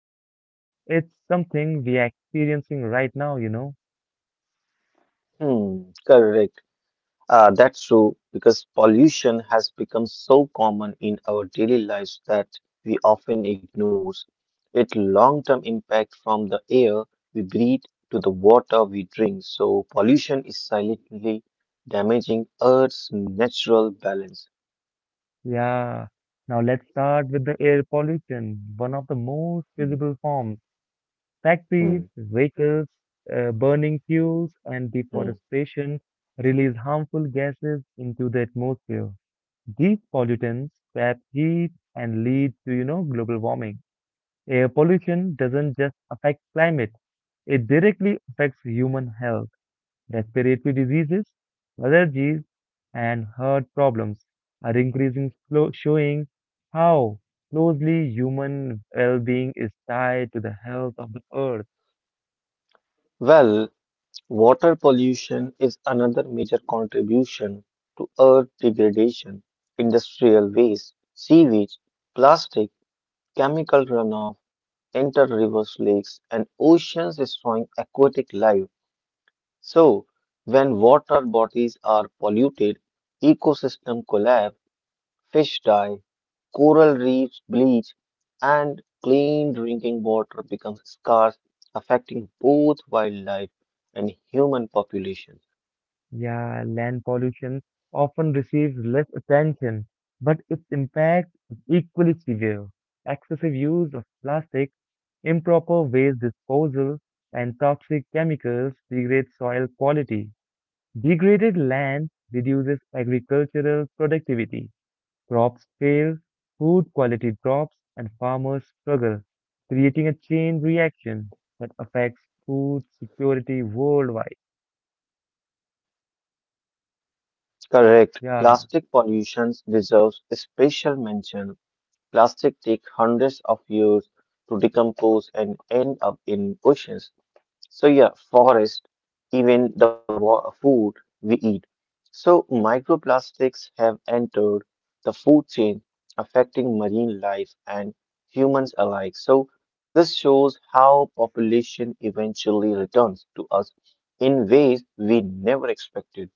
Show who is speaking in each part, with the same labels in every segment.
Speaker 1: threat, it's something we are experiencing right now.
Speaker 2: Correct. That's true because pollution has become so common in our daily lives that we often ignore its long-term impact from the air we breathe to the water we drink. So pollution is silently damaging Earth's natural balance.
Speaker 1: Yeah. Now, let's start with the air pollution, one of the most
Speaker 2: Hmm,
Speaker 1: visible forms. Factories,
Speaker 2: hmm,
Speaker 1: vehicles, burning fuels, and
Speaker 2: hmm.
Speaker 1: deforestation release harmful gases into the atmosphere. These pollutants trap heat and lead to global warming. Air pollution doesn't just affect climate, it directly affects human health. Respiratory diseases, allergies, and heart problems are increasing, slow, showing how closely human well being is tied to the health of the earth.
Speaker 2: Well, water pollution is another major contribution to Earth degradation, industrial waste, sewage, plastic chemical runoff enter rivers, lakes, and oceans, destroying aquatic life. So, when water bodies are polluted, ecosystem collapse, fish die, coral reefs bleach, and clean drinking water becomes scarce, affecting both wildlife and human populations.
Speaker 1: Yeah, land pollution often receives less attention, but its impact is equally severe. Excessive use of plastic, improper waste disposal, and toxic chemicals degrade soil quality. Degraded land reduces agricultural productivity. Crops fail, food quality drops, and farmers struggle, creating a chain reaction that affects food security worldwide.
Speaker 2: Correct.
Speaker 1: Yeah.
Speaker 2: Plastic pollution deserves special mention. Plastic take hundreds of years to decompose and end up in oceans. So yeah, forest, even the food we eat. So microplastics have entered the food chain, affecting marine life and humans alike. So this shows how population eventually returns to us in ways we never expected.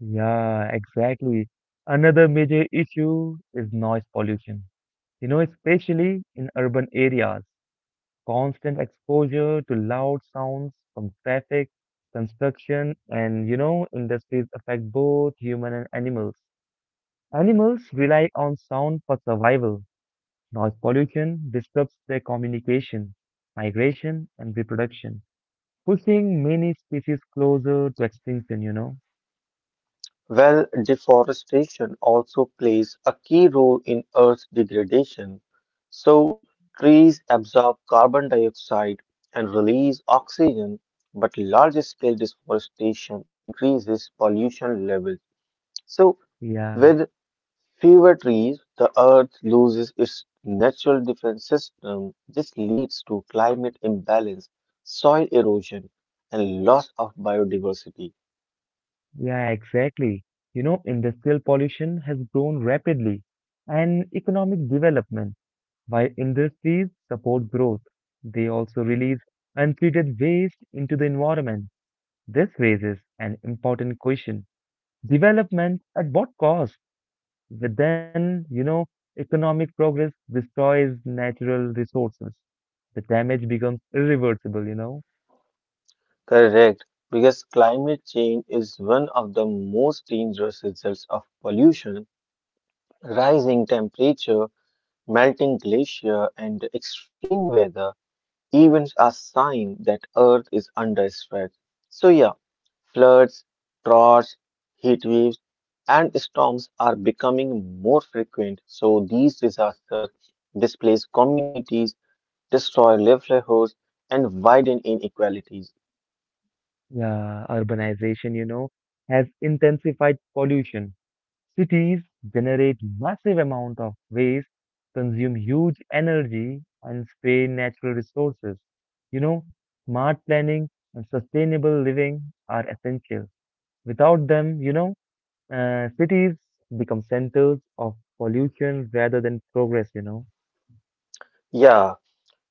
Speaker 1: Yeah, exactly. Another major issue is noise pollution. Especially in urban areas, constant exposure to loud sounds from traffic, construction, and industries affect both human and animals. Animals rely on sound for survival. Noise pollution disrupts their communication, migration, and reproduction, pushing many species closer to extinction.
Speaker 2: Well, deforestation also plays a key role in Earth's degradation. So, trees absorb carbon dioxide and release oxygen, but large scale deforestation increases pollution levels. So,
Speaker 1: Yeah.
Speaker 2: with fewer trees, the Earth loses its natural defense system. This leads to climate imbalance, soil erosion, and loss of biodiversity.
Speaker 1: Yeah, exactly. Industrial pollution has grown rapidly and economic development, while industries support growth, they also release untreated waste into the environment. This raises an important question. Development at what cost? But then, economic progress destroys natural resources. The damage becomes irreversible.
Speaker 2: Correct, because climate change is one of the most dangerous results of pollution. Rising temperature, melting glacier, and extreme weather events are signs that Earth is under stress. So, yeah, floods, droughts, heat waves, and storms are becoming more frequent. So, these disasters displace communities, destroy livelihoods, and widen inequalities.
Speaker 1: Yeah, urbanization, has intensified pollution. Cities generate massive amount of waste, consume huge energy, and strain natural resources. You know, smart planning and sustainable living are essential. Without them, cities become centers of pollution rather than progress.
Speaker 2: Yeah,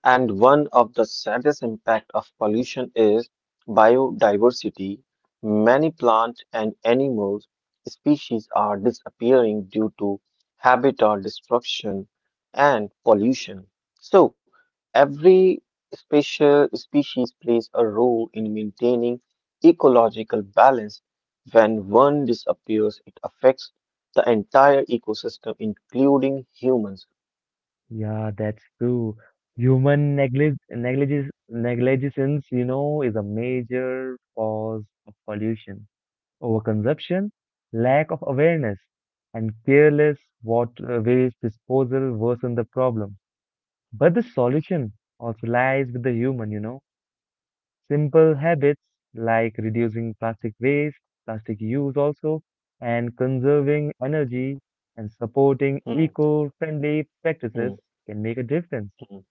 Speaker 2: and one of the saddest impact of pollution is biodiversity. Many plant and animals species are disappearing due to habitat destruction and pollution. So every special species plays a role in maintaining ecological balance. When one disappears, it affects the entire ecosystem, including humans.
Speaker 1: Yeah, that's true. Human negligence, is a major cause of pollution, overconsumption, lack of awareness, and careless water waste disposal worsen the problem. But the solution also lies with the human. Simple habits like reducing plastic waste, plastic use also, and conserving energy and supporting
Speaker 2: Hmm,
Speaker 1: eco-friendly practices
Speaker 2: hmm,
Speaker 1: can make a difference.
Speaker 2: hmm.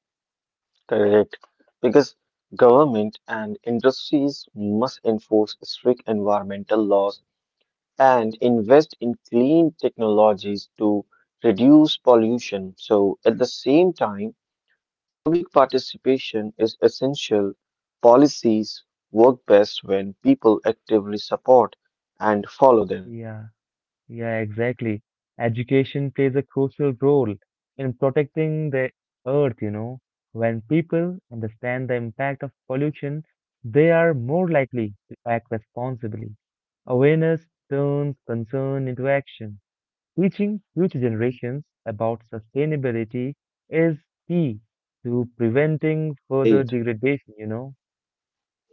Speaker 2: Correct. Because government and industries must enforce strict environmental laws and invest in clean technologies to reduce pollution. So, at the same time, public participation is essential. Policies work best when people actively support and follow them.
Speaker 1: Yeah, yeah, exactly. Education plays a crucial role in protecting the earth. When people understand the impact of pollution, they are more likely to act responsibly. Awareness turns concern into action. Teaching future generations about sustainability is key to preventing further
Speaker 2: Right.
Speaker 1: degradation.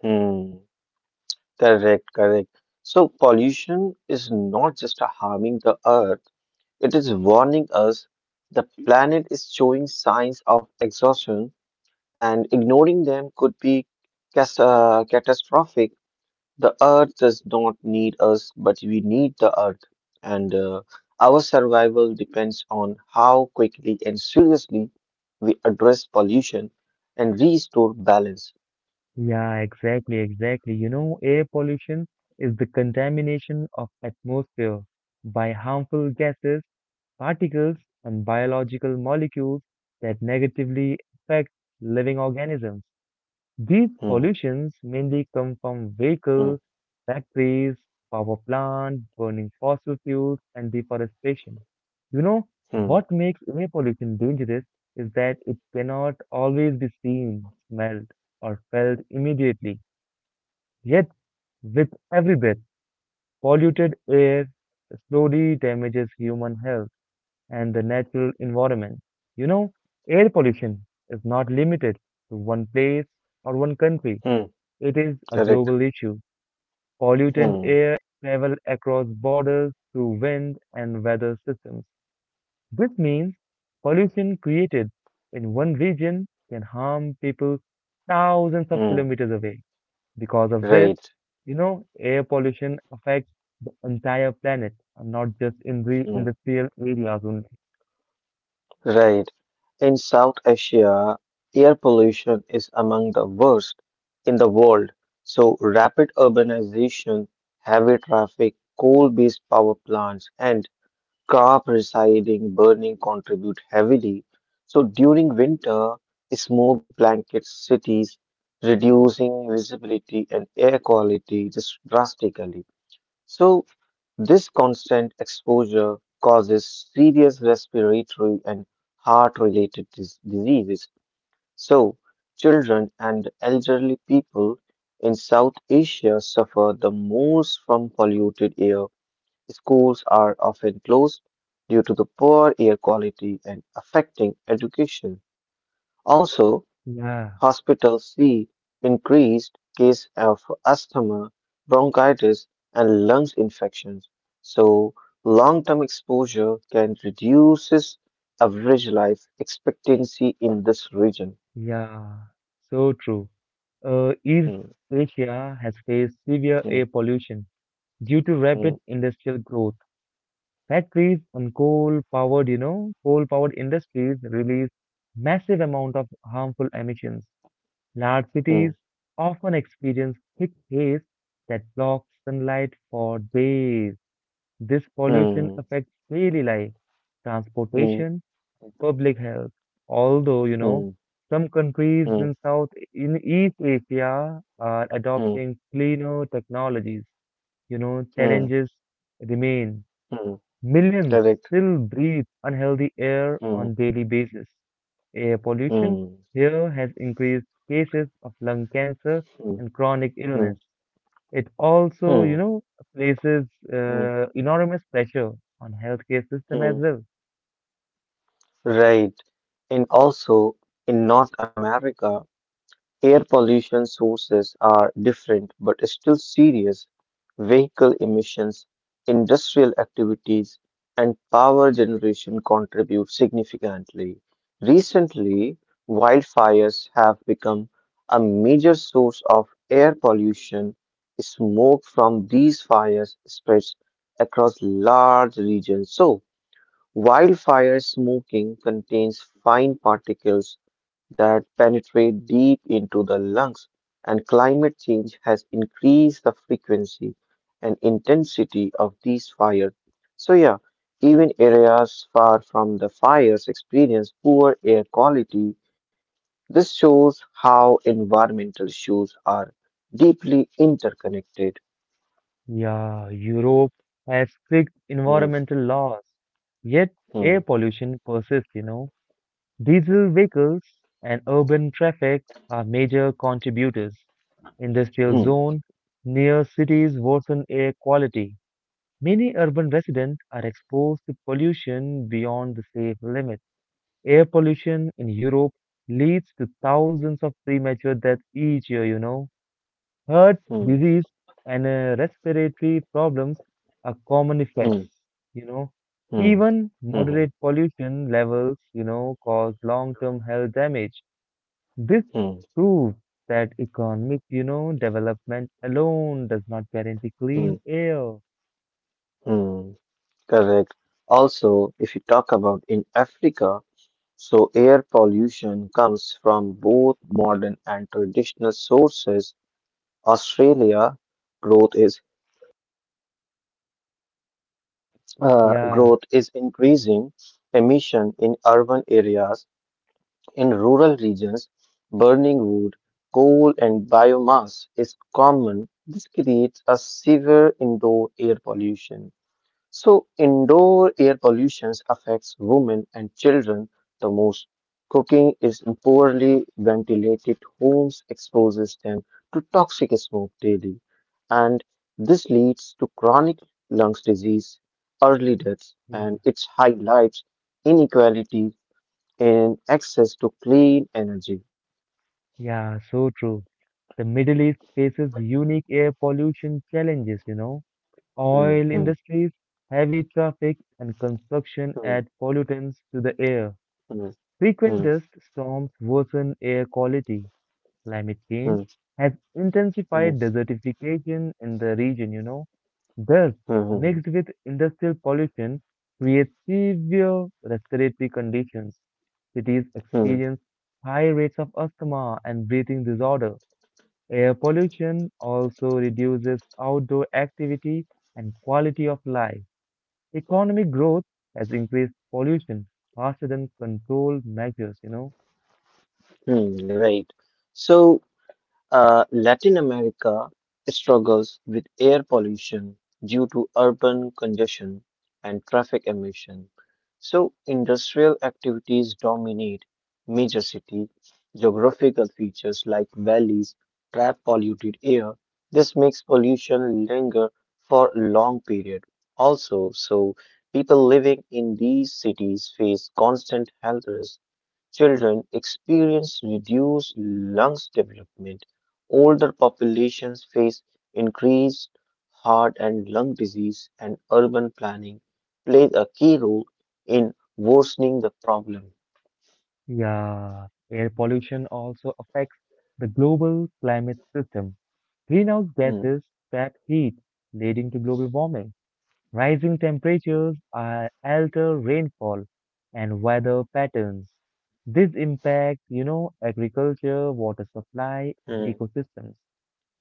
Speaker 2: Hmm. Correct, correct. So pollution is not just harming the earth, it is warning us the planet is showing signs of exhaustion and ignoring them could be catastrophic. The earth does not need us, but we need the earth. And our survival depends on how quickly and seriously we address pollution and restore balance.
Speaker 1: Yeah, exactly, exactly. Air pollution is the contamination of atmosphere by harmful gases, particles, and biological molecules that negatively affect living organisms. These
Speaker 2: Hmm,
Speaker 1: pollutions mainly come from vehicles,
Speaker 2: hmm,
Speaker 1: factories, power plants, burning fossil fuels, and deforestation. You know,
Speaker 2: hmm,
Speaker 1: what makes air pollution dangerous is that it cannot always be seen, smelled, or felt immediately. Yet, with every breath, polluted air slowly damages human health and the natural environment. You know, air pollution is not limited to one place or one country.
Speaker 2: hmm.
Speaker 1: It is a
Speaker 2: Correct.
Speaker 1: global issue. Pollutant
Speaker 2: Hmm.
Speaker 1: air travels across borders through wind and weather systems, which means pollution created in one region can harm people thousands of
Speaker 2: Mm,
Speaker 1: kilometers away. Because of this,
Speaker 2: right,
Speaker 1: you know, air pollution affects the entire planet and not just in the
Speaker 2: mm,
Speaker 1: industrial areas only.
Speaker 2: right. In South Asia, air pollution is among the worst in the world. So, rapid urbanization, heavy traffic, coal-based power plants, and car residing burning contribute heavily. So, during winter, smoke blankets cities, reducing visibility and air quality just drastically. So, This constant exposure causes serious respiratory and heart related diseases. So, children and elderly people in South Asia suffer the most from polluted air. Schools are often closed due to the poor air quality and affecting education. Also,
Speaker 1: Yeah,
Speaker 2: hospitals see increased case of asthma, bronchitis, and lungs infections. So long-term exposure can reduces average life expectancy in this region.
Speaker 1: yeah, so true. East
Speaker 2: Hmm,
Speaker 1: Asia has faced severe
Speaker 2: hmm,
Speaker 1: air pollution due to
Speaker 2: hmm,
Speaker 1: rapid industrial growth. Factories and coal-powered industries release massive amount of harmful emissions. Large cities
Speaker 2: hmm,
Speaker 1: often experience thick haze that blocks sunlight for days. This pollution
Speaker 2: hmm,
Speaker 1: affects daily life,
Speaker 2: hmm,
Speaker 1: transportation, and public health. Although,
Speaker 2: hmm,
Speaker 1: some countries
Speaker 2: hmm,
Speaker 1: in East Asia are
Speaker 2: hmm,
Speaker 1: adopting cleaner technologies.
Speaker 2: hmm,
Speaker 1: Challenges remain.
Speaker 2: hmm.
Speaker 1: Millions
Speaker 2: Correct.
Speaker 1: still breathe unhealthy air
Speaker 2: Hmm,
Speaker 1: on daily basis. Air pollution
Speaker 2: hmm,
Speaker 1: here has increased cases of lung cancer
Speaker 2: hmm,
Speaker 1: and chronic
Speaker 2: hmm,
Speaker 1: illness. It also, you
Speaker 2: hmm,
Speaker 1: know, places
Speaker 2: hmm,
Speaker 1: enormous pressure on healthcare system as
Speaker 2: hmm.
Speaker 1: well.
Speaker 2: Right. And also in North America, air pollution sources are different but still serious. Vehicle emissions, industrial activities, and power generation contribute significantly. Recently, wildfires have become a major source of air pollution. Smoke from these fires spreads across large regions. So, wildfire smoking contains fine particles that penetrate deep into the lungs, and climate change has increased the frequency and intensity of these fires. So, yeah, even areas far from the fires experience poor air quality. This shows how environmental issues are deeply interconnected.
Speaker 1: Yeah, Europe has strict
Speaker 2: Mm,
Speaker 1: environmental laws, yet air
Speaker 2: mm,
Speaker 1: pollution persists. Diesel vehicles and urban traffic are major contributors. Industrial
Speaker 2: mm,
Speaker 1: zone near cities worsen air quality. Many urban residents are exposed to pollution beyond the safe limit. Air pollution in Europe leads to thousands of premature deaths each year. Heart
Speaker 2: mm,
Speaker 1: disease and respiratory problems are common
Speaker 2: mm,
Speaker 1: effects, you know.
Speaker 2: mm,
Speaker 1: Even moderate
Speaker 2: mm,
Speaker 1: pollution levels, cause long-term health damage. This
Speaker 2: mm,
Speaker 1: proves that economic, development alone does not guarantee clean
Speaker 2: mm,
Speaker 1: air.
Speaker 2: mm. Correct. Also, if you talk about in Africa, so, air pollution comes from both modern and traditional sources. Australia growth is uh,
Speaker 1: Yeah,
Speaker 2: growth is increasing emission in urban areas. In rural regions, burning wood, coal, and biomass is common. This creates a severe indoor air pollution. So, indoor air pollution affects women and children the most. Cooking is in poorly ventilated homes exposes them to toxic smoke daily, and this leads to chronic lungs disease, early deaths,
Speaker 1: yeah,
Speaker 2: and it highlights inequality in access to clean energy.
Speaker 1: yeah, so true. The Middle East faces unique air pollution challenges.
Speaker 2: Hmm,
Speaker 1: Oil
Speaker 2: hmm,
Speaker 1: industries, heavy traffic, and construction
Speaker 2: hmm,
Speaker 1: add pollutants to the air.
Speaker 2: hmm,
Speaker 1: Frequent
Speaker 2: hmm,
Speaker 1: dust storms worsen air quality. Climate change
Speaker 2: hmm,
Speaker 1: has
Speaker 2: hmm,
Speaker 1: intensified
Speaker 2: hmm,
Speaker 1: desertification in the region. Dust
Speaker 2: hmm,
Speaker 1: mixed with industrial pollution creates severe respiratory conditions. Cities
Speaker 2: hmm,
Speaker 1: experience high rates of asthma and breathing disorder. Air pollution also reduces outdoor activity and quality of life. Economic growth has increased pollution faster than control measures.
Speaker 2: hmm, You're right. So, Latin America struggles with air pollution due to urban congestion and traffic emission. So, industrial activities dominate major city. Geographical features like valleys trap polluted air. This makes pollution linger for a long period. Also, so people living in these cities face constant health risks. Children experience reduced lungs development. Older populations face increased heart and lung disease, and urban planning plays a key role in worsening the problem.
Speaker 1: Yeah, air pollution also affects the global climate system. Greenhouse
Speaker 2: Hmm,
Speaker 1: gases trap heat, leading to global warming. Rising temperatures alter rainfall and weather patterns. This impacts, agriculture, water supply, and
Speaker 2: hmm,
Speaker 1: ecosystems.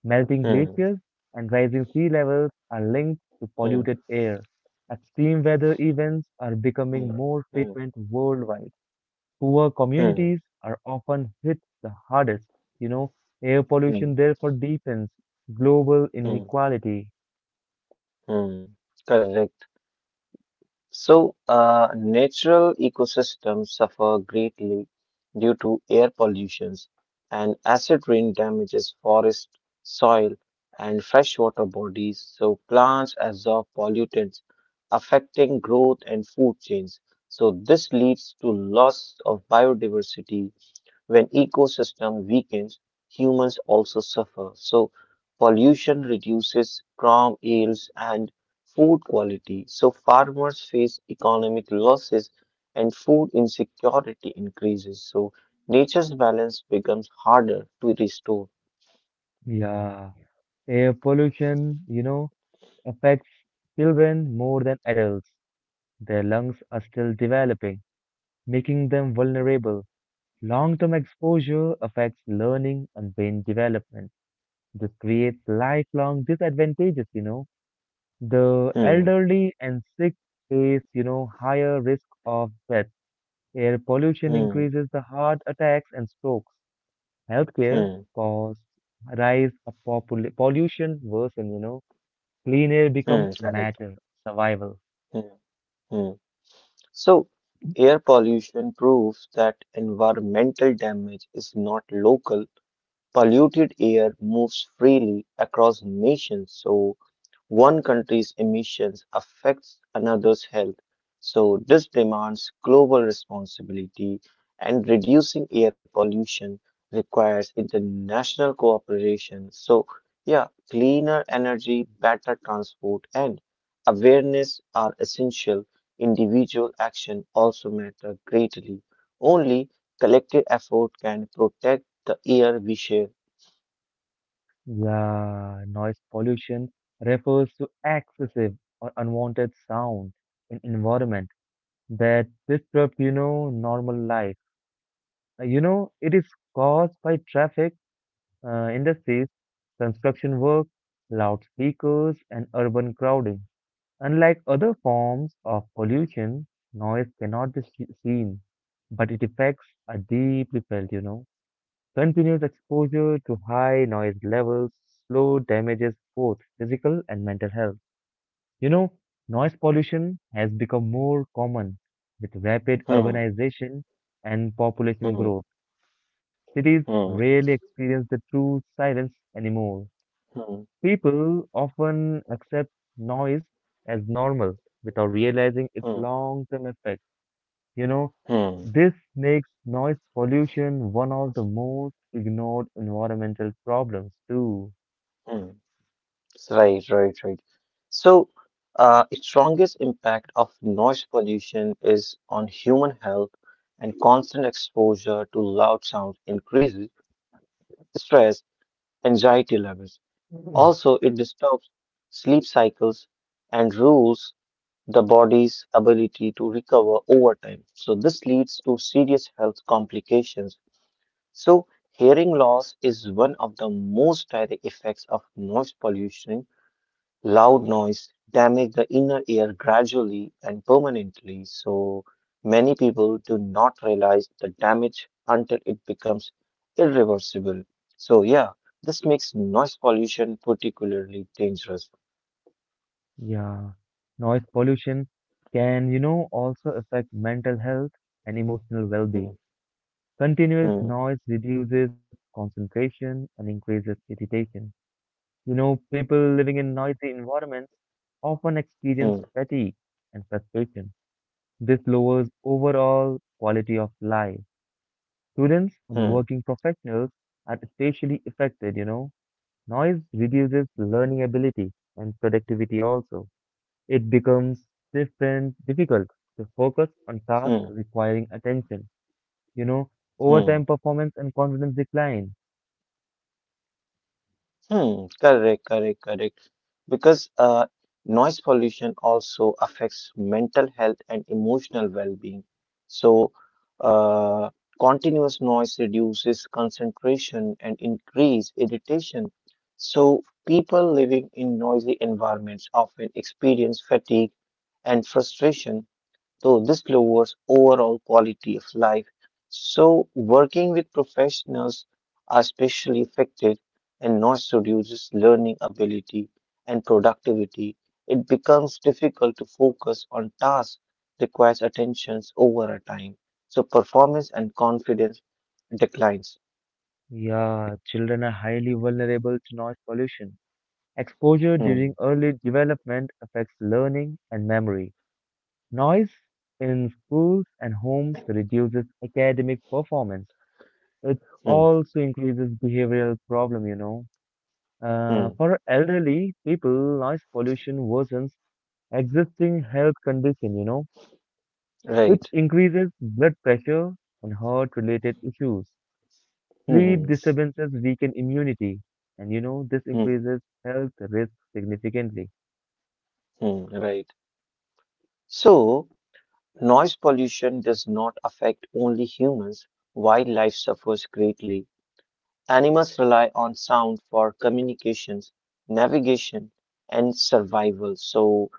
Speaker 1: Melting
Speaker 2: hmm,
Speaker 1: glaciers and rising sea levels are linked to
Speaker 2: hmm,
Speaker 1: polluted air. Extreme weather events are
Speaker 2: hmm,
Speaker 1: becoming more
Speaker 2: hmm,
Speaker 1: frequent worldwide. Poor
Speaker 2: hmm,
Speaker 1: communities are often hit the hardest. You know, air
Speaker 2: hmm,
Speaker 1: pollution therefore deepens global
Speaker 2: hmm,
Speaker 1: inequality.
Speaker 2: hmm. Correct. So, natural ecosystems suffer greatly due to air pollutions, and acid rain damages forest, soil, and freshwater bodies. So, plants absorb pollutants, affecting growth and food chains. So, this leads to loss of biodiversity when ecosystem weakens, humans also suffer. So pollution reduces crop yields and food quality. So farmers face economic losses and food insecurity increases. So nature's balance becomes harder to restore.
Speaker 1: Yeah, air pollution, affects children more than adults. Their lungs are still developing, making them vulnerable. Long-term exposure affects learning and brain development. This creates lifelong disadvantages. The
Speaker 2: Hmm,
Speaker 1: elderly and sick face, higher risk of death. Air pollution
Speaker 2: hmm,
Speaker 1: increases the heart attacks and strokes. Healthcare
Speaker 2: hmm,
Speaker 1: costs rise, pollution worsen. Clean air become
Speaker 2: correct.
Speaker 1: matter, survival.
Speaker 2: Hmm, hmm. So air pollution proves that environmental damage is not local polluted air moves freely across nations, so one country's emissions affects another's health. So this demands global responsibility, and reducing air pollution requires international cooperation. So, yeah, cleaner energy, better transport, and awareness are essential. Individual action also matter greatly. Only collective effort can protect the air we share.
Speaker 1: Yeah, noise pollution refers to excessive or unwanted sound in environment that disrupt, normal life. It is caused by traffic, industries, construction work, loudspeakers, and urban crowding. Unlike other forms of pollution, noise cannot be seen, but its effects are deeply felt. Continuous exposure to high noise levels slow damages both physical and mental health. You know, noise pollution has become more common with rapid
Speaker 2: Hmm.
Speaker 1: urbanization and population
Speaker 2: Hmm.
Speaker 1: growth. Cities
Speaker 2: Hmm.
Speaker 1: rarely experience the true silence anymore.
Speaker 2: Hmm.
Speaker 1: People often accept noise as normal without realizing its
Speaker 2: Hmm.
Speaker 1: long-term effects. You know,
Speaker 2: Hmm.
Speaker 1: this makes noise pollution one of the most ignored environmental problems too.
Speaker 2: Hmm. Right. Right. Right. So, its strongest impact of noise pollution is on human health, and constant exposure to loud sounds increases stress, anxiety levels.
Speaker 1: Mhm.
Speaker 2: Also, it disturbs sleep cycles and rules the body's ability to recover over time. So, this leads to serious health complications. So, hearing loss is one of the most direct effects of noise pollution. Loud noise damage the inner ear gradually and permanently. So, many people do not realize the damage until it becomes irreversible. So, yeah, this makes noise pollution particularly dangerous.
Speaker 1: Yeah, noise pollution can, also affect mental health and emotional
Speaker 2: Hmm,
Speaker 1: well-being. Continuous
Speaker 2: hmm,
Speaker 1: noise reduces concentration and increases irritation. People living in noisy environments often experience
Speaker 2: hmm,
Speaker 1: fatigue and frustration. This lowers overall quality of life. Students and
Speaker 2: hmm,
Speaker 1: working professionals are especially affected. Noise reduces learning ability and productivity also. It becomes stiff and difficult to focus on tasks
Speaker 2: hmm,
Speaker 1: requiring attention. You know, overtime
Speaker 2: hmm.
Speaker 1: performance and confidence decline.
Speaker 2: Correct, correct, correct. Because noise pollution also affects mental health and emotional well-being. So, uh, continuous noise reduces concentration and increase irritation. So, people living in noisy environments often experience fatigue and frustration. So this lowers overall quality of life. So working with professionals are especially affected and noise reduces learning ability and productivity. It becomes difficult to focus on tasks requires attentions over a time. So performance and confidence declines.
Speaker 1: Yeah, children are highly vulnerable to noise pollution. Exposure
Speaker 2: Hmm,
Speaker 1: during early development affects learning and memory. Noise in schools and homes reduces academic performance. It
Speaker 2: hmm,
Speaker 1: also increases behavioral problem.
Speaker 2: hmm,
Speaker 1: For elderly people, noise pollution worsens existing health condition.
Speaker 2: right.
Speaker 1: It increases blood pressure and heart-related issues.
Speaker 2: Hmm, hmm,
Speaker 1: Sleep disturbances weaken immunity, and this
Speaker 2: hmm,
Speaker 1: increases health risk significantly.
Speaker 2: right. So noise pollution does not affect only humans. Wildlife suffers greatly. Animals rely on sound for communications, navigation, and survival. So,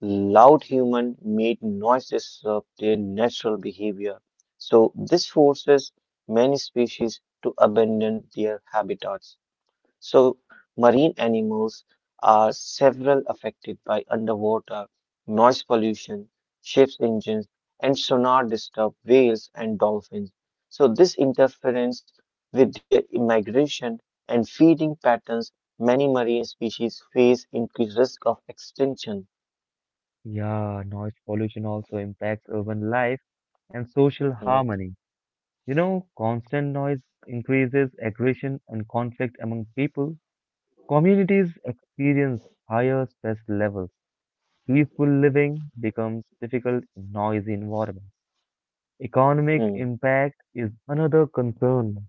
Speaker 2: loud human made noise disrupt their natural behavior. So, this forces many species to abandon their habitats. So, marine animals are several affected by underwater noise pollution, ships engines, and sonar disturb whales and dolphins. So, this interference with their migration and feeding patterns, many marine species face increased risk of extinction.
Speaker 1: Yeah, noise pollution also impacts urban life and social
Speaker 2: Mm,
Speaker 1: harmony. Constant noise increases aggression and conflict among people. Communities experience higher stress levels. Peaceful living becomes difficult in noisy environments. Economic
Speaker 2: mm,
Speaker 1: impact is another concern.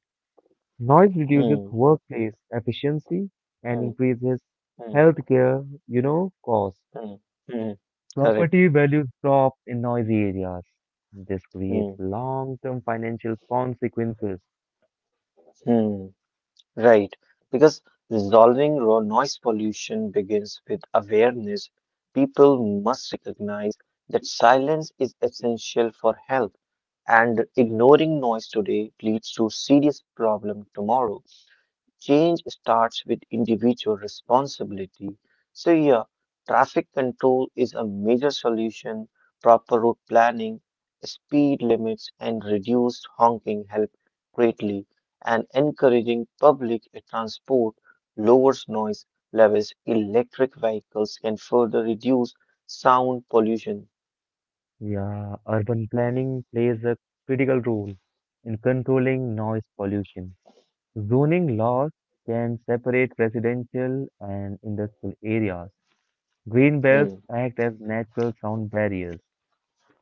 Speaker 1: Noise reduces
Speaker 2: mm,
Speaker 1: workplace efficiency and
Speaker 2: mm,
Speaker 1: increases
Speaker 2: mm,
Speaker 1: healthcare, costs.
Speaker 2: mm, mm. Correct.
Speaker 1: Property values drop in noisy areas. This creates
Speaker 2: Mm,
Speaker 1: long-term financial consequences.
Speaker 2: mm. Right, because resolving raw noise pollution begins with awareness. People must recognize that silence is essential for health, and ignoring noise today leads to serious problem tomorrow. Change starts with individual responsibility. So, yeah, traffic control is a major solution. Proper route planning, speed limits, and reduced honking help greatly. And encouraging public transport lowers noise levels. Electric vehicles can further reduce sound pollution.
Speaker 1: Yeah, urban planning plays a critical role in controlling noise pollution. Zoning laws can separate residential and industrial areas. Green belts
Speaker 2: Hmm,
Speaker 1: act as natural sound barriers.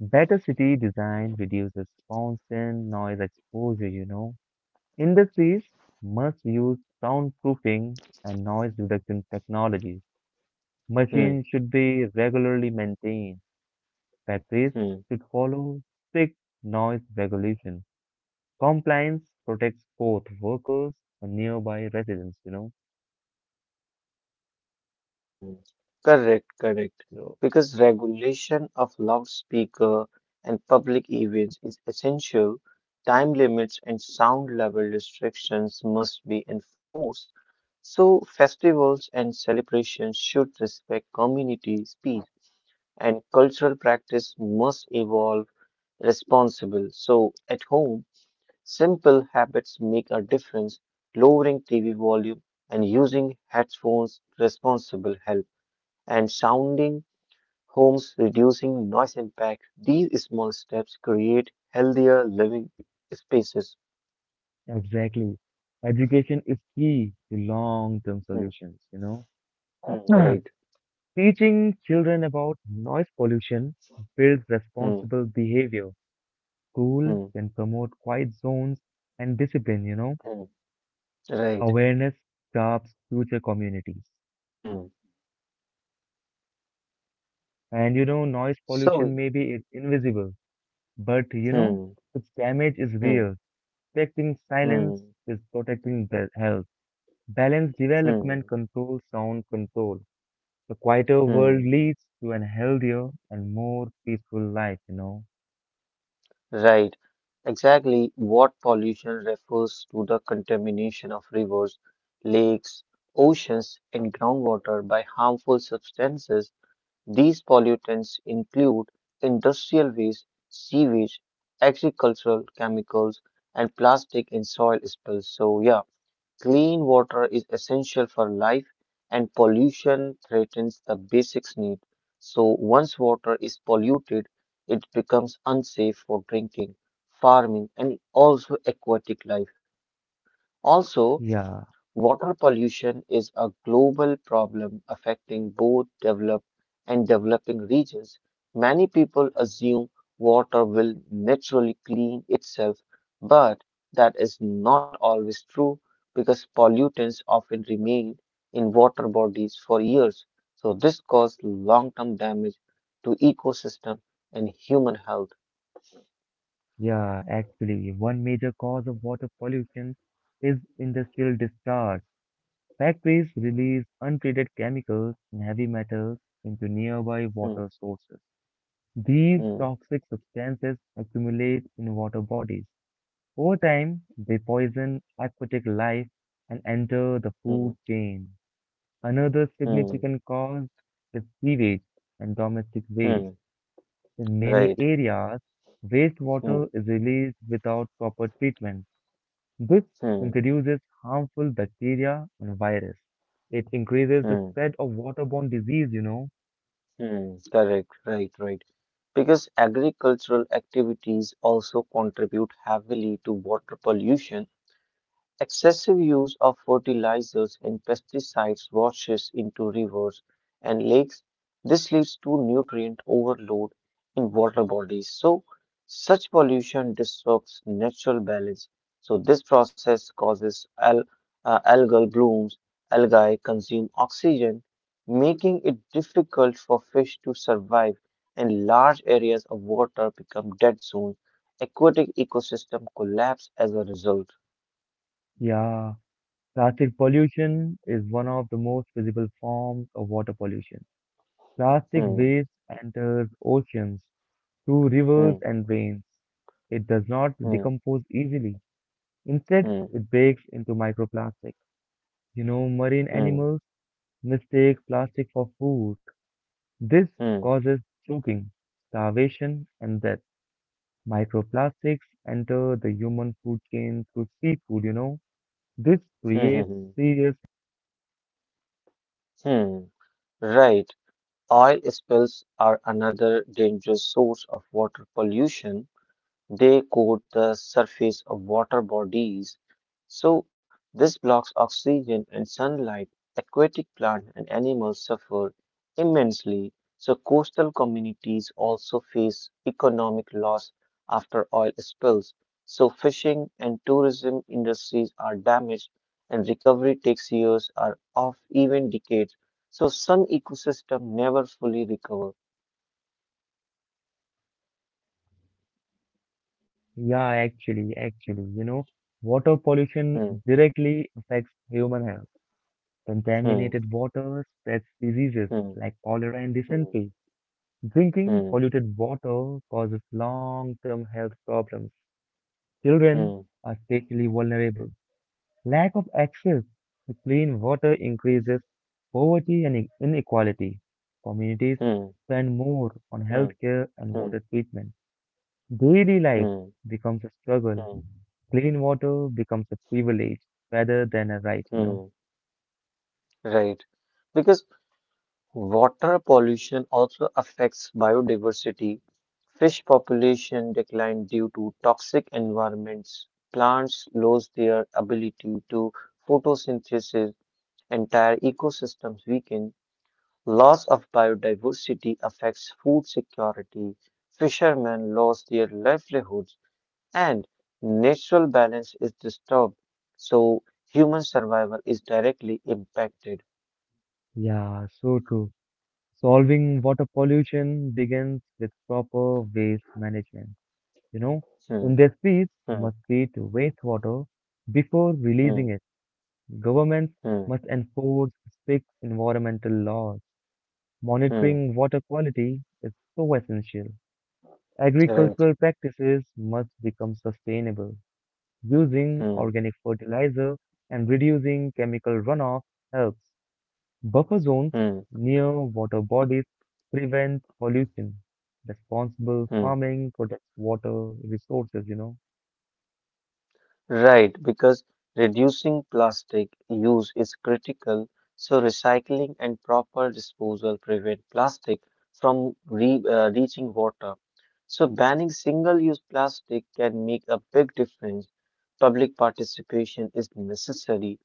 Speaker 1: Better city design reduces constant noise exposure. Industries must use soundproofing and noise reduction technologies.
Speaker 2: hmm,
Speaker 1: Machines should be regularly maintained. Factories
Speaker 2: hmm.
Speaker 1: should follow strict noise regulation. Compliance protects both workers and nearby residents.
Speaker 2: Hmm, correct, correct.
Speaker 1: So,
Speaker 2: Because regulation of loudspeaker and public events is essential, time limits and sound level restrictions must be enforced. So, festivals and celebrations should respect community speech, and cultural practice must evolve responsible. So, at home, simple habits make a difference, lowering TV volume and using headphones responsible help and sounding homes, reducing noise impact. These small steps create healthier living spaces.
Speaker 1: exactly. Education is key to long-term
Speaker 2: Hmm,
Speaker 1: solutions.
Speaker 2: right.
Speaker 1: Teaching children about noise pollution builds
Speaker 2: Hmm,
Speaker 1: responsible behavior. School
Speaker 2: hmm,
Speaker 1: can promote quiet zones and discipline.
Speaker 2: hmm, right.
Speaker 1: Awareness sharps future communities.
Speaker 2: Hmm.
Speaker 1: And noise
Speaker 2: So,
Speaker 1: pollution maybe is invisible, but
Speaker 2: hmm,
Speaker 1: its damage is
Speaker 2: hmm,
Speaker 1: real. Protecting silence
Speaker 2: hmm,
Speaker 1: is protecting the health. Balanced
Speaker 2: hmm,
Speaker 1: development controls sound control. The quieter world
Speaker 2: hmm,
Speaker 1: leads to an healthier and more peaceful life.
Speaker 2: right. Exactly what pollution refers to the contamination of rivers, lakes, oceans, and groundwater by harmful substances. These pollutants include industrial waste, sewage, agricultural chemicals, and plastic in soil spills. So, yeah, clean water is essential for life, and pollution threatens the basics need. So, once water is polluted, it becomes unsafe for drinking, farming, and also aquatic life. Also,
Speaker 1: Yeah,
Speaker 2: water pollution is a global problem affecting both developed and developing regions. Many people assume water will naturally clean itself, but that is not always true because pollutants often remain in water bodies for years. So this causes long-term damage to ecosystem and human health.
Speaker 1: yeah, actually, one major cause of water pollution is industrial discharge. Factories release untreated chemicals and heavy metals into nearby
Speaker 2: Hmm,
Speaker 1: water sources. These
Speaker 2: hmm,
Speaker 1: toxic substances accumulate in water bodies. Over time, they poison aquatic life and enter the
Speaker 2: hmm,
Speaker 1: food chain. Another
Speaker 2: hmm,
Speaker 1: significant cause is sewage and domestic waste.
Speaker 2: hmm,
Speaker 1: In many
Speaker 2: right.
Speaker 1: areas,
Speaker 2: Hmm,
Speaker 1: wastewater is released without proper treatment. This
Speaker 2: hmm,
Speaker 1: introduces harmful bacteria and virus. It increases the
Speaker 2: hmm.
Speaker 1: spread of waterborne disease.
Speaker 2: Correct, right, right. Because agricultural activities also contribute heavily to water pollution. Excessive use of fertilizers and pesticides washes into rivers and lakes. This leads to nutrient overload in water bodies. So, such pollution disrupts natural balance. So, this process causes algal blooms. Algae consume oxygen, making it difficult for fish to survive, and large areas of water become dead zones. Aquatic ecosystem collapse as a result.
Speaker 1: Yeah, plastic pollution is one of the most visible forms of water pollution. Plastic
Speaker 2: Hmm.
Speaker 1: waste enters oceans through rivers
Speaker 2: Hmm,
Speaker 1: and rains. It does not
Speaker 2: hmm,
Speaker 1: decompose easily. Instead,
Speaker 2: hmm,
Speaker 1: it breaks into microplastic. Marine
Speaker 2: hmm,
Speaker 1: animals mistake plastic for food. This
Speaker 2: hmm,
Speaker 1: causes choking, starvation, and death. Microplastics enter the human food chain through seafood. This
Speaker 2: hmm, hmm,
Speaker 1: creates
Speaker 2: hmm,
Speaker 1: serious,
Speaker 2: hmm. Right. Oil spills are another dangerous source of water pollution. They coat the surface of water bodies, so this blocks oxygen and sunlight. Aquatic plants and animals suffer immensely, so coastal communities also face economic loss after oil spills. So fishing and tourism industries are damaged and recovery takes years or of even decades. So some ecosystems never fully recover.
Speaker 1: yeah, actually, water pollution
Speaker 2: Hmm,
Speaker 1: directly affects human health.
Speaker 2: hmm,
Speaker 1: Contaminated water spreads diseases
Speaker 2: hmm,
Speaker 1: like cholera and
Speaker 2: hmm,
Speaker 1: dysentery. Drinking
Speaker 2: hmm,
Speaker 1: polluted water causes long-term health problems. Children
Speaker 2: hmm, hmm.
Speaker 1: are especially vulnerable. Lack of access to clean water increases poverty and inequality. Communities
Speaker 2: hmm.
Speaker 1: spend more on
Speaker 2: Mm,
Speaker 1: healthcare and water
Speaker 2: mm,
Speaker 1: treatment. Daily life
Speaker 2: mm,
Speaker 1: becomes a struggle.
Speaker 2: mm,
Speaker 1: Clean water becomes a privilege rather than a right.
Speaker 2: mm. Right. Because water pollution also affects biodiversity. Fish population decline due to toxic environments. Plants lose their ability to photosynthesis. Entire ecosystems weaken. Loss of biodiversity affects food security. Fishermen lose their livelihoods. And natural balance is disturbed. So human survival is directly impacted.
Speaker 1: Yeah, so true. Solving water pollution begins with proper waste management. You know,
Speaker 2: Hmm,
Speaker 1: industries must
Speaker 2: hmm,
Speaker 1: treat wastewater before releasing
Speaker 2: hmm,
Speaker 1: it. Governments
Speaker 2: hmm,
Speaker 1: must enforce strict environmental laws.
Speaker 2: hmm.
Speaker 1: Monitoring water quality is so essential.
Speaker 2: Right.
Speaker 1: Agricultural practices must become sustainable. Using
Speaker 2: Hmm,
Speaker 1: organic fertilizer and reducing chemical runoff helps. Buffer zones
Speaker 2: hmm,
Speaker 1: near water bodies prevent pollution. Responsible
Speaker 2: hmm.
Speaker 1: farming protects water resources.
Speaker 2: Right, because reducing plastic use is critical. So recycling and proper disposal prevent plastic from re reaching water. So banning single-use plastic can make a big difference. Public participation is necessary.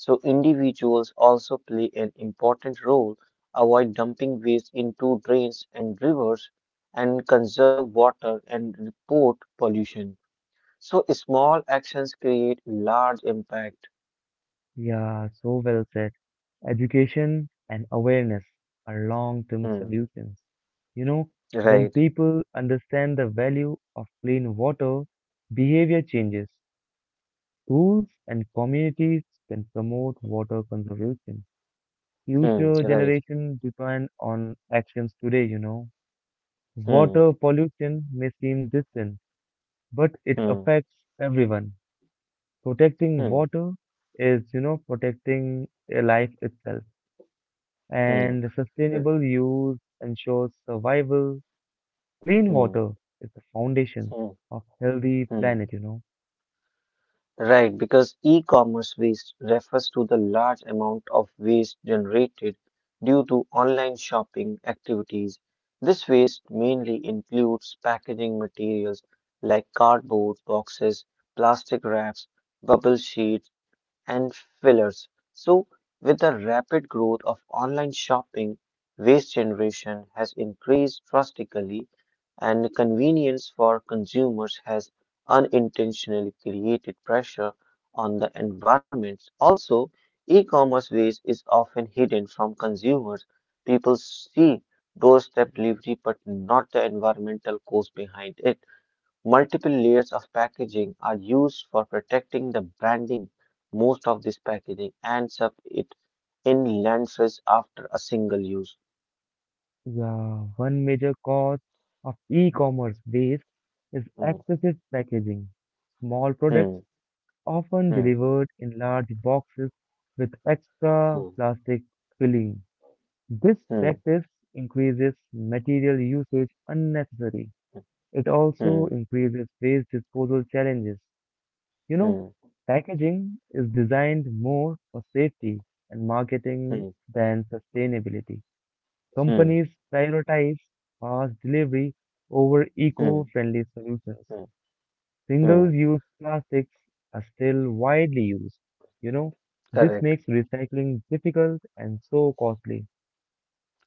Speaker 2: So individuals also play an important role. Avoid dumping waste into drains and rivers and conserve water and report pollution. So small actions create large impact.
Speaker 1: Yeah, so well said. Education and awareness are long term
Speaker 2: Hmm.
Speaker 1: solutions. You know, when
Speaker 2: Right.
Speaker 1: people understand the value of clean water, behavior changes. Schools and communities can promote water conservation.
Speaker 2: Hmm.
Speaker 1: Future
Speaker 2: Right.
Speaker 1: generations depend on actions today.
Speaker 2: Hmm.
Speaker 1: Water pollution may seem distant, but it
Speaker 2: Hmm.
Speaker 1: affects everyone. Protecting
Speaker 2: Hmm.
Speaker 1: water is protecting a life itself.
Speaker 2: Hmm.
Speaker 1: And
Speaker 2: Hmm.
Speaker 1: sustainable use ensures survival. Clean
Speaker 2: Hmm.
Speaker 1: water is the foundation
Speaker 2: Hmm.
Speaker 1: of healthy
Speaker 2: hmm.
Speaker 1: planet.
Speaker 2: Right, because e-commerce waste refers to the large amount of waste generated due to online shopping activities. This waste mainly includes packaging materials like cardboard boxes, plastic wraps, bubble sheets, and fillers. So, with the rapid growth of online shopping, waste generation has increased drastically and convenience for consumers has unintentionally created pressure on the environment. Also, e-commerce waste is often hidden from consumers. People see doorstep delivery but not the environmental cost behind it. Multiple layers of packaging are used for protecting the branding. Most of this packaging ends up it in landfills after a single use.
Speaker 1: Yeah, one major cause of e-commerce waste is
Speaker 2: Hmm,
Speaker 1: excessive packaging. Small
Speaker 2: hmm,
Speaker 1: products are often
Speaker 2: hmm,
Speaker 1: delivered in large boxes with
Speaker 2: hmm,
Speaker 1: extra plastic filling. This practice increases material usage unnecessary. It
Speaker 2: hmm,
Speaker 1: also increases waste disposal challenges. You know,
Speaker 2: hmm,
Speaker 1: packaging is designed more for safety and marketing
Speaker 2: hmm,
Speaker 1: than sustainability.
Speaker 2: hmm,
Speaker 1: Companies prioritize fast delivery over
Speaker 2: hmm, hmm, hmm.
Speaker 1: eco-friendly solutions.
Speaker 2: hmm. hmm.
Speaker 1: Single-use plastics are still widely used. You know, this
Speaker 2: Correct.
Speaker 1: makes recycling difficult and so costly.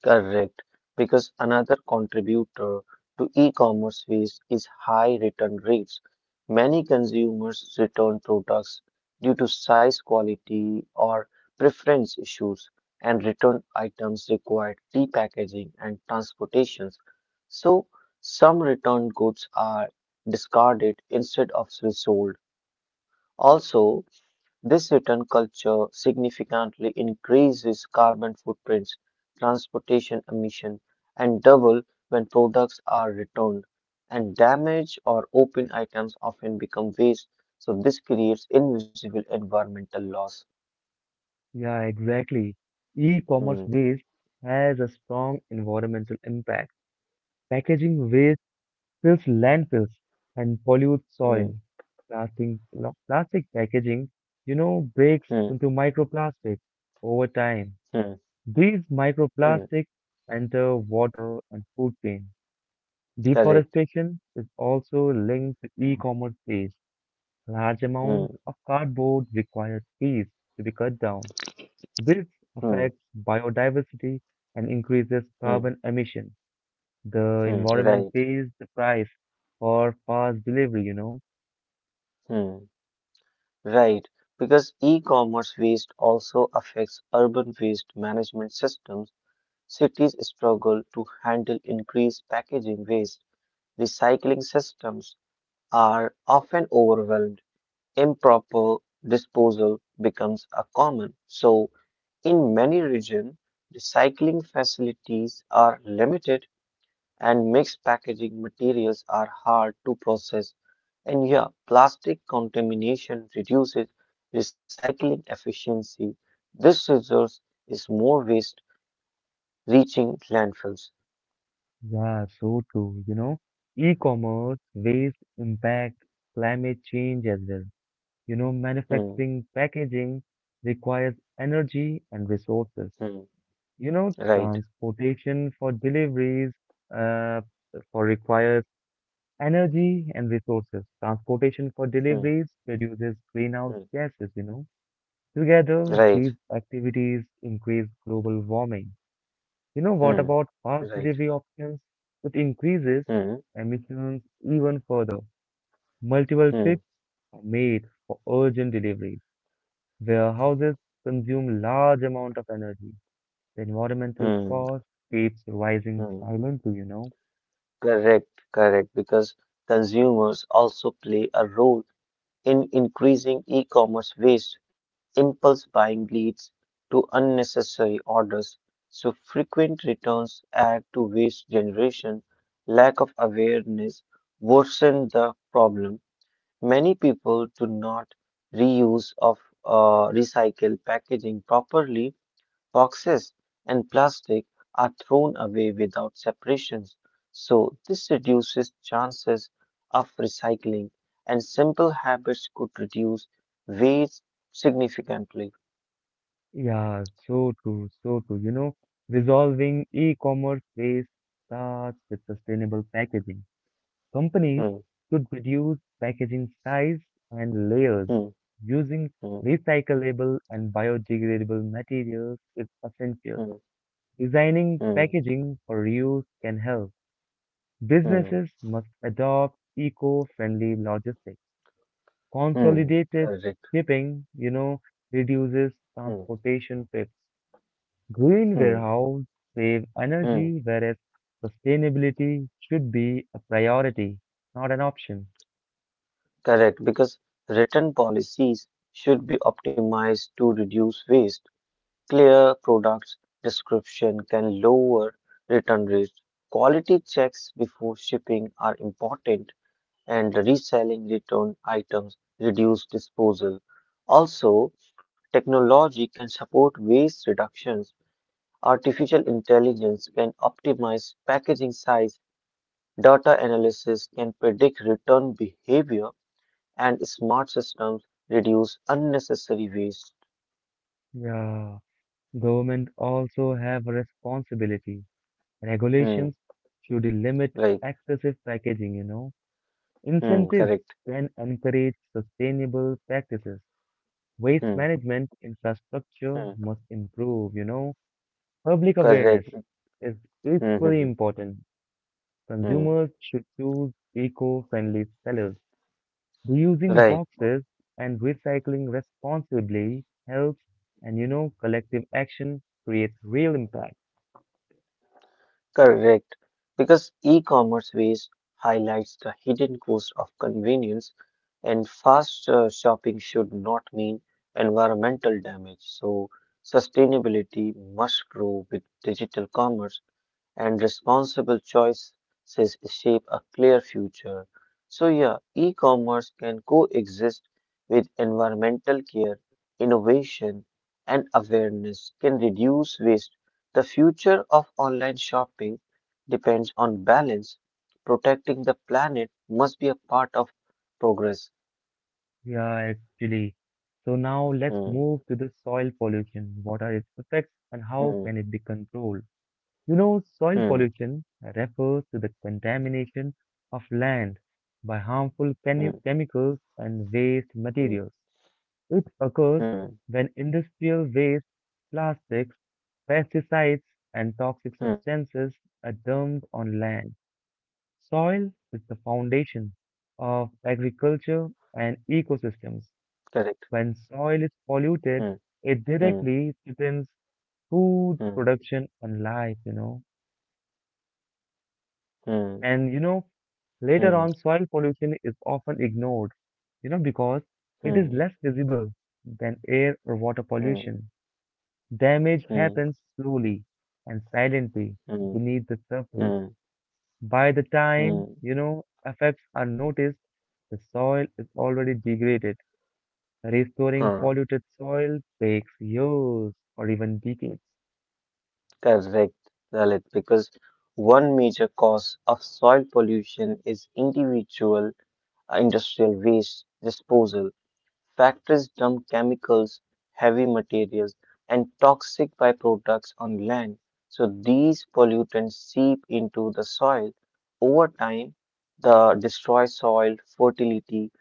Speaker 2: Correct, because another contributor to e-commerce fees is high return rates. Many consumers return products due to size, quality, or preference issues, and return items require repackaging and transportations. So, some returned goods are discarded instead of resold. Also, this return culture significantly increases carbon footprints, transportation emission, and double when products are returned. And damaged or open items often become waste, so this creates invisible environmental loss.
Speaker 1: Yeah, exactly. E-commerce
Speaker 2: Hmm,
Speaker 1: waste has a strong environmental impact. Packaging waste fills landfills and pollutes
Speaker 2: hmm,
Speaker 1: soil. Plastic packaging breaks
Speaker 2: hmm,
Speaker 1: into microplastics over time.
Speaker 2: hmm,
Speaker 1: These
Speaker 2: hmm,
Speaker 1: microplastics enter water and food chain.
Speaker 2: Correct.
Speaker 1: Deforestation is also linked to e-commerce waste. Large amounts
Speaker 2: Hmm,
Speaker 1: of cardboard require trees to be cut down. This
Speaker 2: hmm,
Speaker 1: affects biodiversity and increases
Speaker 2: hmm,
Speaker 1: carbon emission. The environment
Speaker 2: Right.
Speaker 1: pays the price for fast delivery.
Speaker 2: Hmm, Right. Because e-commerce waste also affects urban waste management systems. Cities struggle to handle increased packaging waste. Recycling systems are often overwhelmed. Improper disposal becomes a common. So, in many regions, recycling facilities are limited and mixed packaging materials are hard to process. And yeah, plastic contamination reduces recycling efficiency. This results is more waste reaching landfills.
Speaker 1: Yeah, so true. E-commerce, waste impact, climate change as well. You know,
Speaker 2: Hmm,
Speaker 1: manufacturing, packaging requires energy and resources.
Speaker 2: hmm.
Speaker 1: You know,
Speaker 2: Right.
Speaker 1: transportation for deliveries, uh, for requires energy and resources. Transportation for
Speaker 2: Hmm.
Speaker 1: deliveries produces greenhouse
Speaker 2: Hmm.
Speaker 1: gases. Together,
Speaker 2: Right.
Speaker 1: these activities increase global warming. You know what
Speaker 2: Hmm.
Speaker 1: about fast
Speaker 2: Right.
Speaker 1: delivery options? It increases
Speaker 2: Hmm.
Speaker 1: emissions even further. Multiple
Speaker 2: Hmm.
Speaker 1: trips are made for urgent delivery. Warehouses consume large amount of energy. The environmental
Speaker 2: Hmm.
Speaker 1: cost keeps rising
Speaker 2: Hmm.
Speaker 1: silently.
Speaker 2: Correct. Correct. Because consumers also play a role in increasing e-commerce waste. Impulse buying leads to unnecessary orders, so frequent returns add to waste generation. Lack of awareness worsen the problem. Many people do not reuse of recycle packaging properly. Boxes and plastic are thrown away without separations, so this reduces chances of recycling and simple habits could reduce waste significantly.
Speaker 1: Yeah, so true, so true. Resolving e-commerce waste starts with sustainable packaging. Companies
Speaker 2: Hmm,
Speaker 1: could reduce packaging size and layers
Speaker 2: hmm,
Speaker 1: using
Speaker 2: hmm,
Speaker 1: recyclable and biodegradable materials is essential.
Speaker 2: hmm,
Speaker 1: Designing
Speaker 2: hmm,
Speaker 1: packaging for reuse can help.
Speaker 2: hmm,
Speaker 1: Businesses must adopt eco-friendly logistics.
Speaker 2: hmm,
Speaker 1: Consolidated
Speaker 2: Correct.
Speaker 1: shipping reduces
Speaker 2: Hmm,
Speaker 1: transportation trips. Green
Speaker 2: hmm,
Speaker 1: warehouses save
Speaker 2: hmm,
Speaker 1: energy, whereas sustainability should be a priority, not an option.
Speaker 2: Correct, because written policies should be optimized to reduce waste. Clear product description can lower return rates. Quality checks before shipping are important, and reselling returned items reduce disposal. Also, technology can support waste reductions. Artificial intelligence can optimize packaging size. Data analysis can predict return behavior, and smart systems reduce unnecessary waste.
Speaker 1: Yeah. Government also have a responsibility.
Speaker 2: Hmm,
Speaker 1: Regulations should limit
Speaker 2: like,
Speaker 1: excessive packaging. Incentives
Speaker 2: correct.
Speaker 1: can encourage sustainable practices. Waste
Speaker 2: Hmm.
Speaker 1: management infrastructure
Speaker 2: hmm.
Speaker 1: must improve. Public awareness
Speaker 2: Correct.
Speaker 1: is equally
Speaker 2: Mm-hmm.
Speaker 1: important. Consumers should choose eco-friendly sellers. Reusing
Speaker 2: Right.
Speaker 1: boxes and recycling responsibly helps, and collective action creates real impact.
Speaker 2: Correct. Because e-commerce waste highlights the hidden cost of convenience, and fast shopping should not mean environmental damage. So sustainability must grow with digital commerce. And responsible choices shape a clear future. So, yeah, e commerce can coexist with environmental care, innovation, and awareness, can reduce waste. The future of online shopping depends on balance. Protecting the planet must be a part of progress.
Speaker 1: Yeah, actually. So now let's
Speaker 2: Hmm,
Speaker 1: move to the soil pollution. What are its effects and
Speaker 2: hmm,
Speaker 1: how can it be controlled? Soil
Speaker 2: hmm,
Speaker 1: pollution refers to the contamination of land by harmful
Speaker 2: hmm,
Speaker 1: chemicals and waste
Speaker 2: hmm,
Speaker 1: materials. It occurs
Speaker 2: hmm,
Speaker 1: when industrial waste, plastics, pesticides, and toxic
Speaker 2: hmm,
Speaker 1: substances are dumped on land.
Speaker 2: hmm.
Speaker 1: Soil is the foundation of agriculture and
Speaker 2: Correct.
Speaker 1: ecosystems. When
Speaker 2: Hmm,
Speaker 1: soil is
Speaker 2: hmm,
Speaker 1: polluted, it directly threatens
Speaker 2: hmm,
Speaker 1: food production and life.
Speaker 2: hmm,
Speaker 1: And,
Speaker 2: hmm, hmm.
Speaker 1: later on, soil pollution is often ignored, because it
Speaker 2: hmm.
Speaker 1: is less visible than air or water
Speaker 2: hmm.
Speaker 1: pollution. Damage
Speaker 2: Mm,
Speaker 1: happens slowly and silently
Speaker 2: mm,
Speaker 1: beneath the surface.
Speaker 2: mm,
Speaker 1: By the time,
Speaker 2: mm.
Speaker 1: you know, effects are noticed, the soil is already degraded. Restoring
Speaker 2: Huh,
Speaker 1: polluted soil takes years or even decades.
Speaker 2: correct, Lalit, because one major cause of soil pollution is individual industrial waste disposal. Factories dump chemicals, heavy materials, and toxic byproducts on land. So these pollutants seep into the soil. Over time, the destroy soil fertility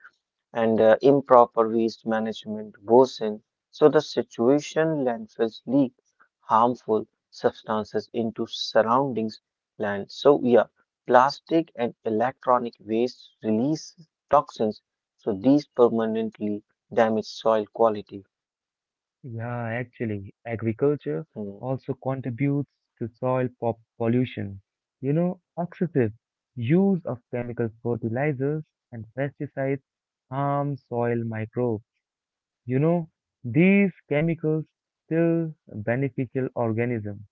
Speaker 2: and improper waste management goes in. So the situation landfills leak harmful substances into surroundings land. So yeah, plastic and electronic waste release toxins. So these permanently damage soil quality.
Speaker 1: Yeah, actually, agriculture
Speaker 2: Hmm.
Speaker 1: also contributes to soil pop pollution. Excessive use of chemical fertilizers and pesticides harm soil microbes. You know, these chemicals kill beneficial organisms.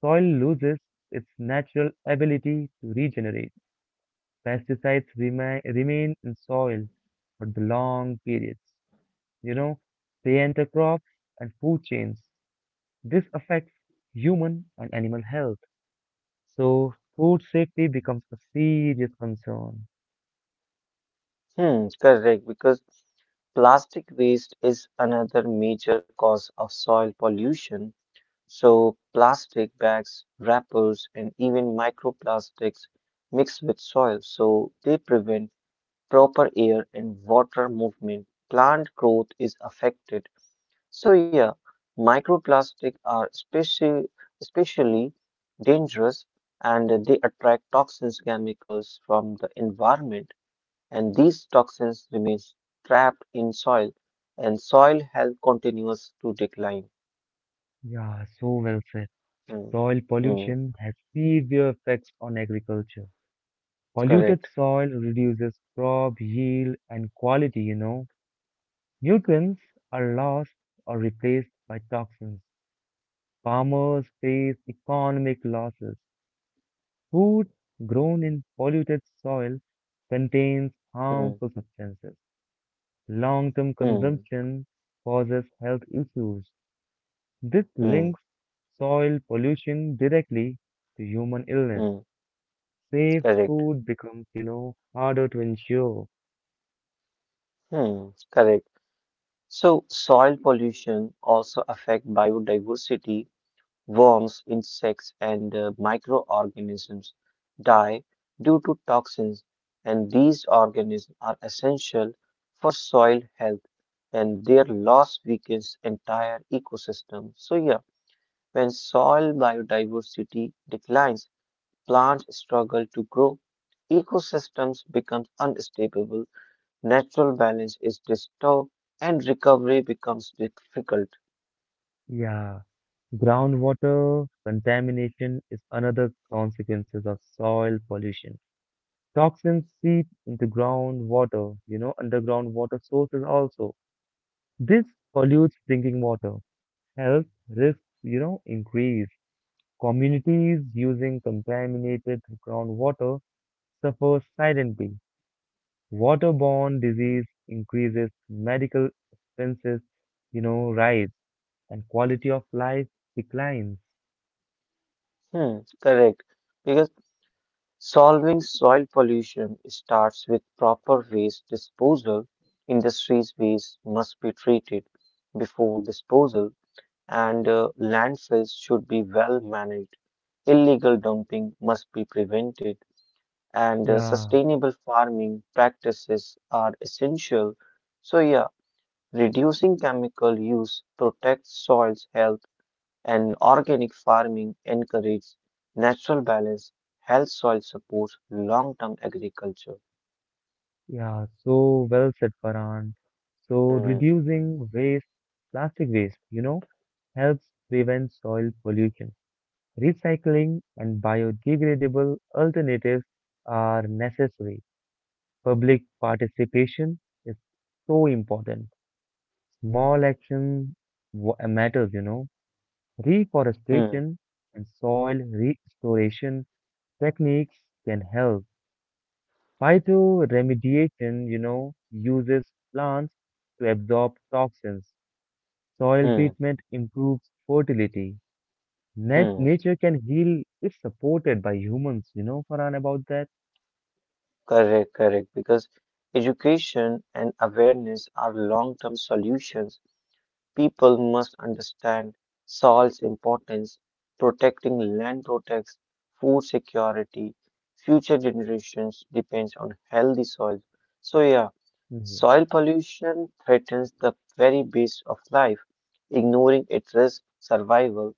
Speaker 1: Soil loses its natural ability to regenerate. Pesticides remain in soil for the long periods. You know, they enter crops and food chains. This affects human and animal health. So food safety becomes a serious concern.
Speaker 2: Hmm, correct, because plastic waste is another major cause of soil pollution. So, plastic bags, wrappers, and even microplastics mix with soil, so they prevent proper air and water movement. Plant growth is affected. So, yeah, microplastics are especially dangerous and they attract toxins chemicals from the environment and these toxins remain trapped in soil and soil health continues to decline.
Speaker 1: Yeah, so well said.
Speaker 2: Mm,
Speaker 1: Soil
Speaker 2: mm,
Speaker 1: pollution has severe effects on agriculture. Polluted
Speaker 2: Correct.
Speaker 1: soil reduces crop yield and quality. Nutrients are lost or replaced by toxins. Farmers face economic losses. Food grown in polluted soil contains
Speaker 2: Hmm,
Speaker 1: harmful substances. Long-term
Speaker 2: hmm,
Speaker 1: consumption causes health issues. This
Speaker 2: hmm,
Speaker 1: links soil pollution directly to human illness.
Speaker 2: hmm.
Speaker 1: Safe
Speaker 2: Correct.
Speaker 1: food becomes harder to ensure.
Speaker 2: Correct. So soil pollution also affect biodiversity. Worms, insects, and microorganisms die due to toxins, and these organisms are essential for soil health, and their loss weakens entire ecosystem. So yeah, when soil biodiversity declines, plants struggle to grow, ecosystems become unstable natural balance is disturbed and recovery becomes difficult.
Speaker 1: Yeah, groundwater contamination is another consequences of soil pollution. Toxins seep into groundwater, underground water sources also. This pollutes drinking water. Health risks increase. Communities using contaminated groundwater suffer silently. Waterborne disease increases, medical expenses rise, and quality of life declines.
Speaker 2: Correct. Because solving soil pollution starts with proper waste disposal. Industries' waste must be treated before disposal, and landfills should be well managed. Illegal dumping must be prevented, and
Speaker 1: Yeah,
Speaker 2: sustainable farming practices are essential. So, yeah, reducing chemical use protects soil's health and organic farming encourages natural balance, health soil supports long-term agriculture.
Speaker 1: yeah, so well said, Farhan. So
Speaker 2: Hmm,
Speaker 1: reducing waste, plastic waste, helps prevent soil pollution. Recycling and biodegradable alternatives are necessary. Public participation is so important. Small action matters.
Speaker 2: hmm,
Speaker 1: Reforestation and soil restoration techniques can help. Phytoremediation uses plants to absorb toxins. Soil
Speaker 2: hmm,
Speaker 1: treatment improves fertility.
Speaker 2: hmm.
Speaker 1: Nature can heal if supported by humans, Farhan, about that?
Speaker 2: Correct, correct. Because education and awareness are long-term solutions. People must understand soil's importance. Protecting land protects food security. Future generations depends on healthy soil. So yeah,
Speaker 1: Mm.
Speaker 2: soil pollution threatens the very base of life. Ignoring it risks survival,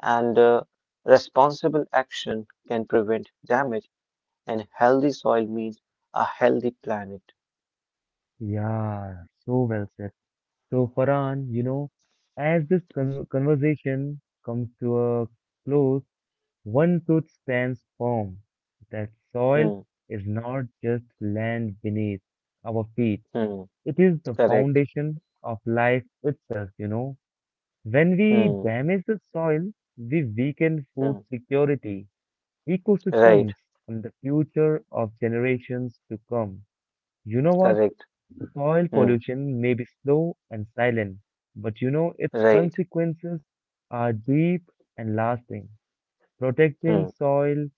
Speaker 2: and responsible action can prevent damage. And healthy soil means a healthy planet.
Speaker 1: Yeah, yeah, so well said. So, Farhan, as this conversation comes to a close, one truth stands firm that soil
Speaker 2: Hmm.
Speaker 1: is not just land beneath our feet,
Speaker 2: Hmm.
Speaker 1: it is the
Speaker 2: Correct.
Speaker 1: foundation of life itself. When we
Speaker 2: Hmm.
Speaker 1: damage the soil, we weaken
Speaker 2: Hmm.
Speaker 1: food security,
Speaker 2: Right.
Speaker 1: ecosystems, and the future of generations to come. You know what?
Speaker 2: Correct.
Speaker 1: Soil
Speaker 2: Hmm.
Speaker 1: pollution may be slow and silent, but its
Speaker 2: Right.
Speaker 1: consequences are deep and lasting. Protecting
Speaker 2: Hmm.
Speaker 1: soil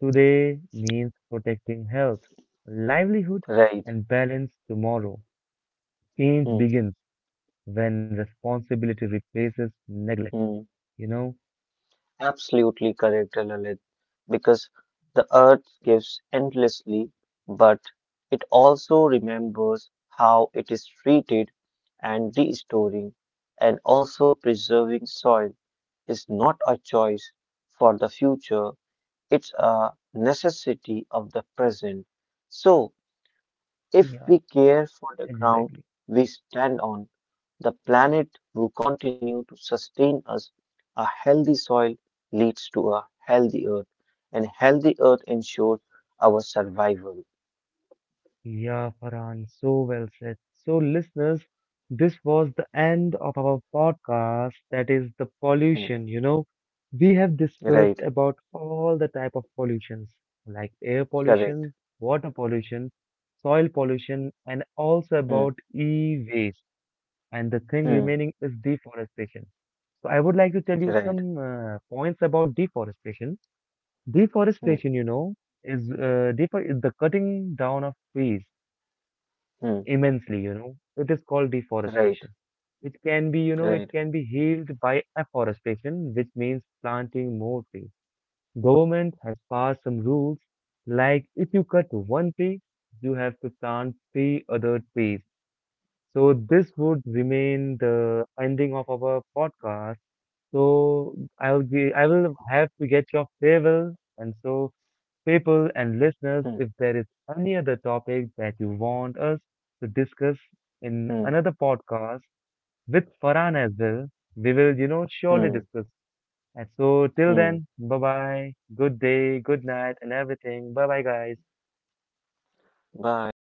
Speaker 1: today means protecting health, livelihood,
Speaker 2: Right.
Speaker 1: and balance tomorrow. Change
Speaker 2: Hmm.
Speaker 1: begins when responsibility replaces neglect,
Speaker 2: Hmm.
Speaker 1: you know?
Speaker 2: Absolutely correct, Lalit, because the earth gives endlessly, but it also remembers how it is treated and restoring and also preserving soil is not a choice for the future, it's a necessity of the present. So,
Speaker 1: Yeah,
Speaker 2: if we care for the
Speaker 1: exactly.
Speaker 2: ground we stand on, the planet will continue to sustain us. A healthy soil leads to a healthy earth, and healthy earth ensures our survival.
Speaker 1: Yeah, Farhan, so well said. So, listeners, this was the end of our podcast that is the
Speaker 2: Mm,
Speaker 1: pollution. We have discussed
Speaker 2: Right,
Speaker 1: about all the type of pollutions like air
Speaker 2: correct.
Speaker 1: pollution, water pollution, soil pollution, and also
Speaker 2: Mm,
Speaker 1: about e-waste. And the thing
Speaker 2: mm,
Speaker 1: remaining is deforestation. So I would like to tell you
Speaker 2: right,
Speaker 1: some points about deforestation.
Speaker 2: mm,
Speaker 1: Deforestation is the cutting down of trees
Speaker 2: mm,
Speaker 1: immensely. It is called
Speaker 2: right,
Speaker 1: deforestation. It can be, you know, it
Speaker 2: right.
Speaker 1: can be healed by afforestation, which means planting more trees. Government has passed some rules like if you cut one tree, you have to plant three other trees. So this would remain the ending of our podcast. So I will have to get your farewell, and so people and listeners,
Speaker 2: Mm,
Speaker 1: if there is any other topic that you want us to discuss in
Speaker 2: mm,
Speaker 1: another podcast with Farhan as well, we will surely
Speaker 2: mm,
Speaker 1: discuss. And so till
Speaker 2: mm.
Speaker 1: then, bye bye, good day, good night, and everything. Bye bye, guys.
Speaker 2: Bye.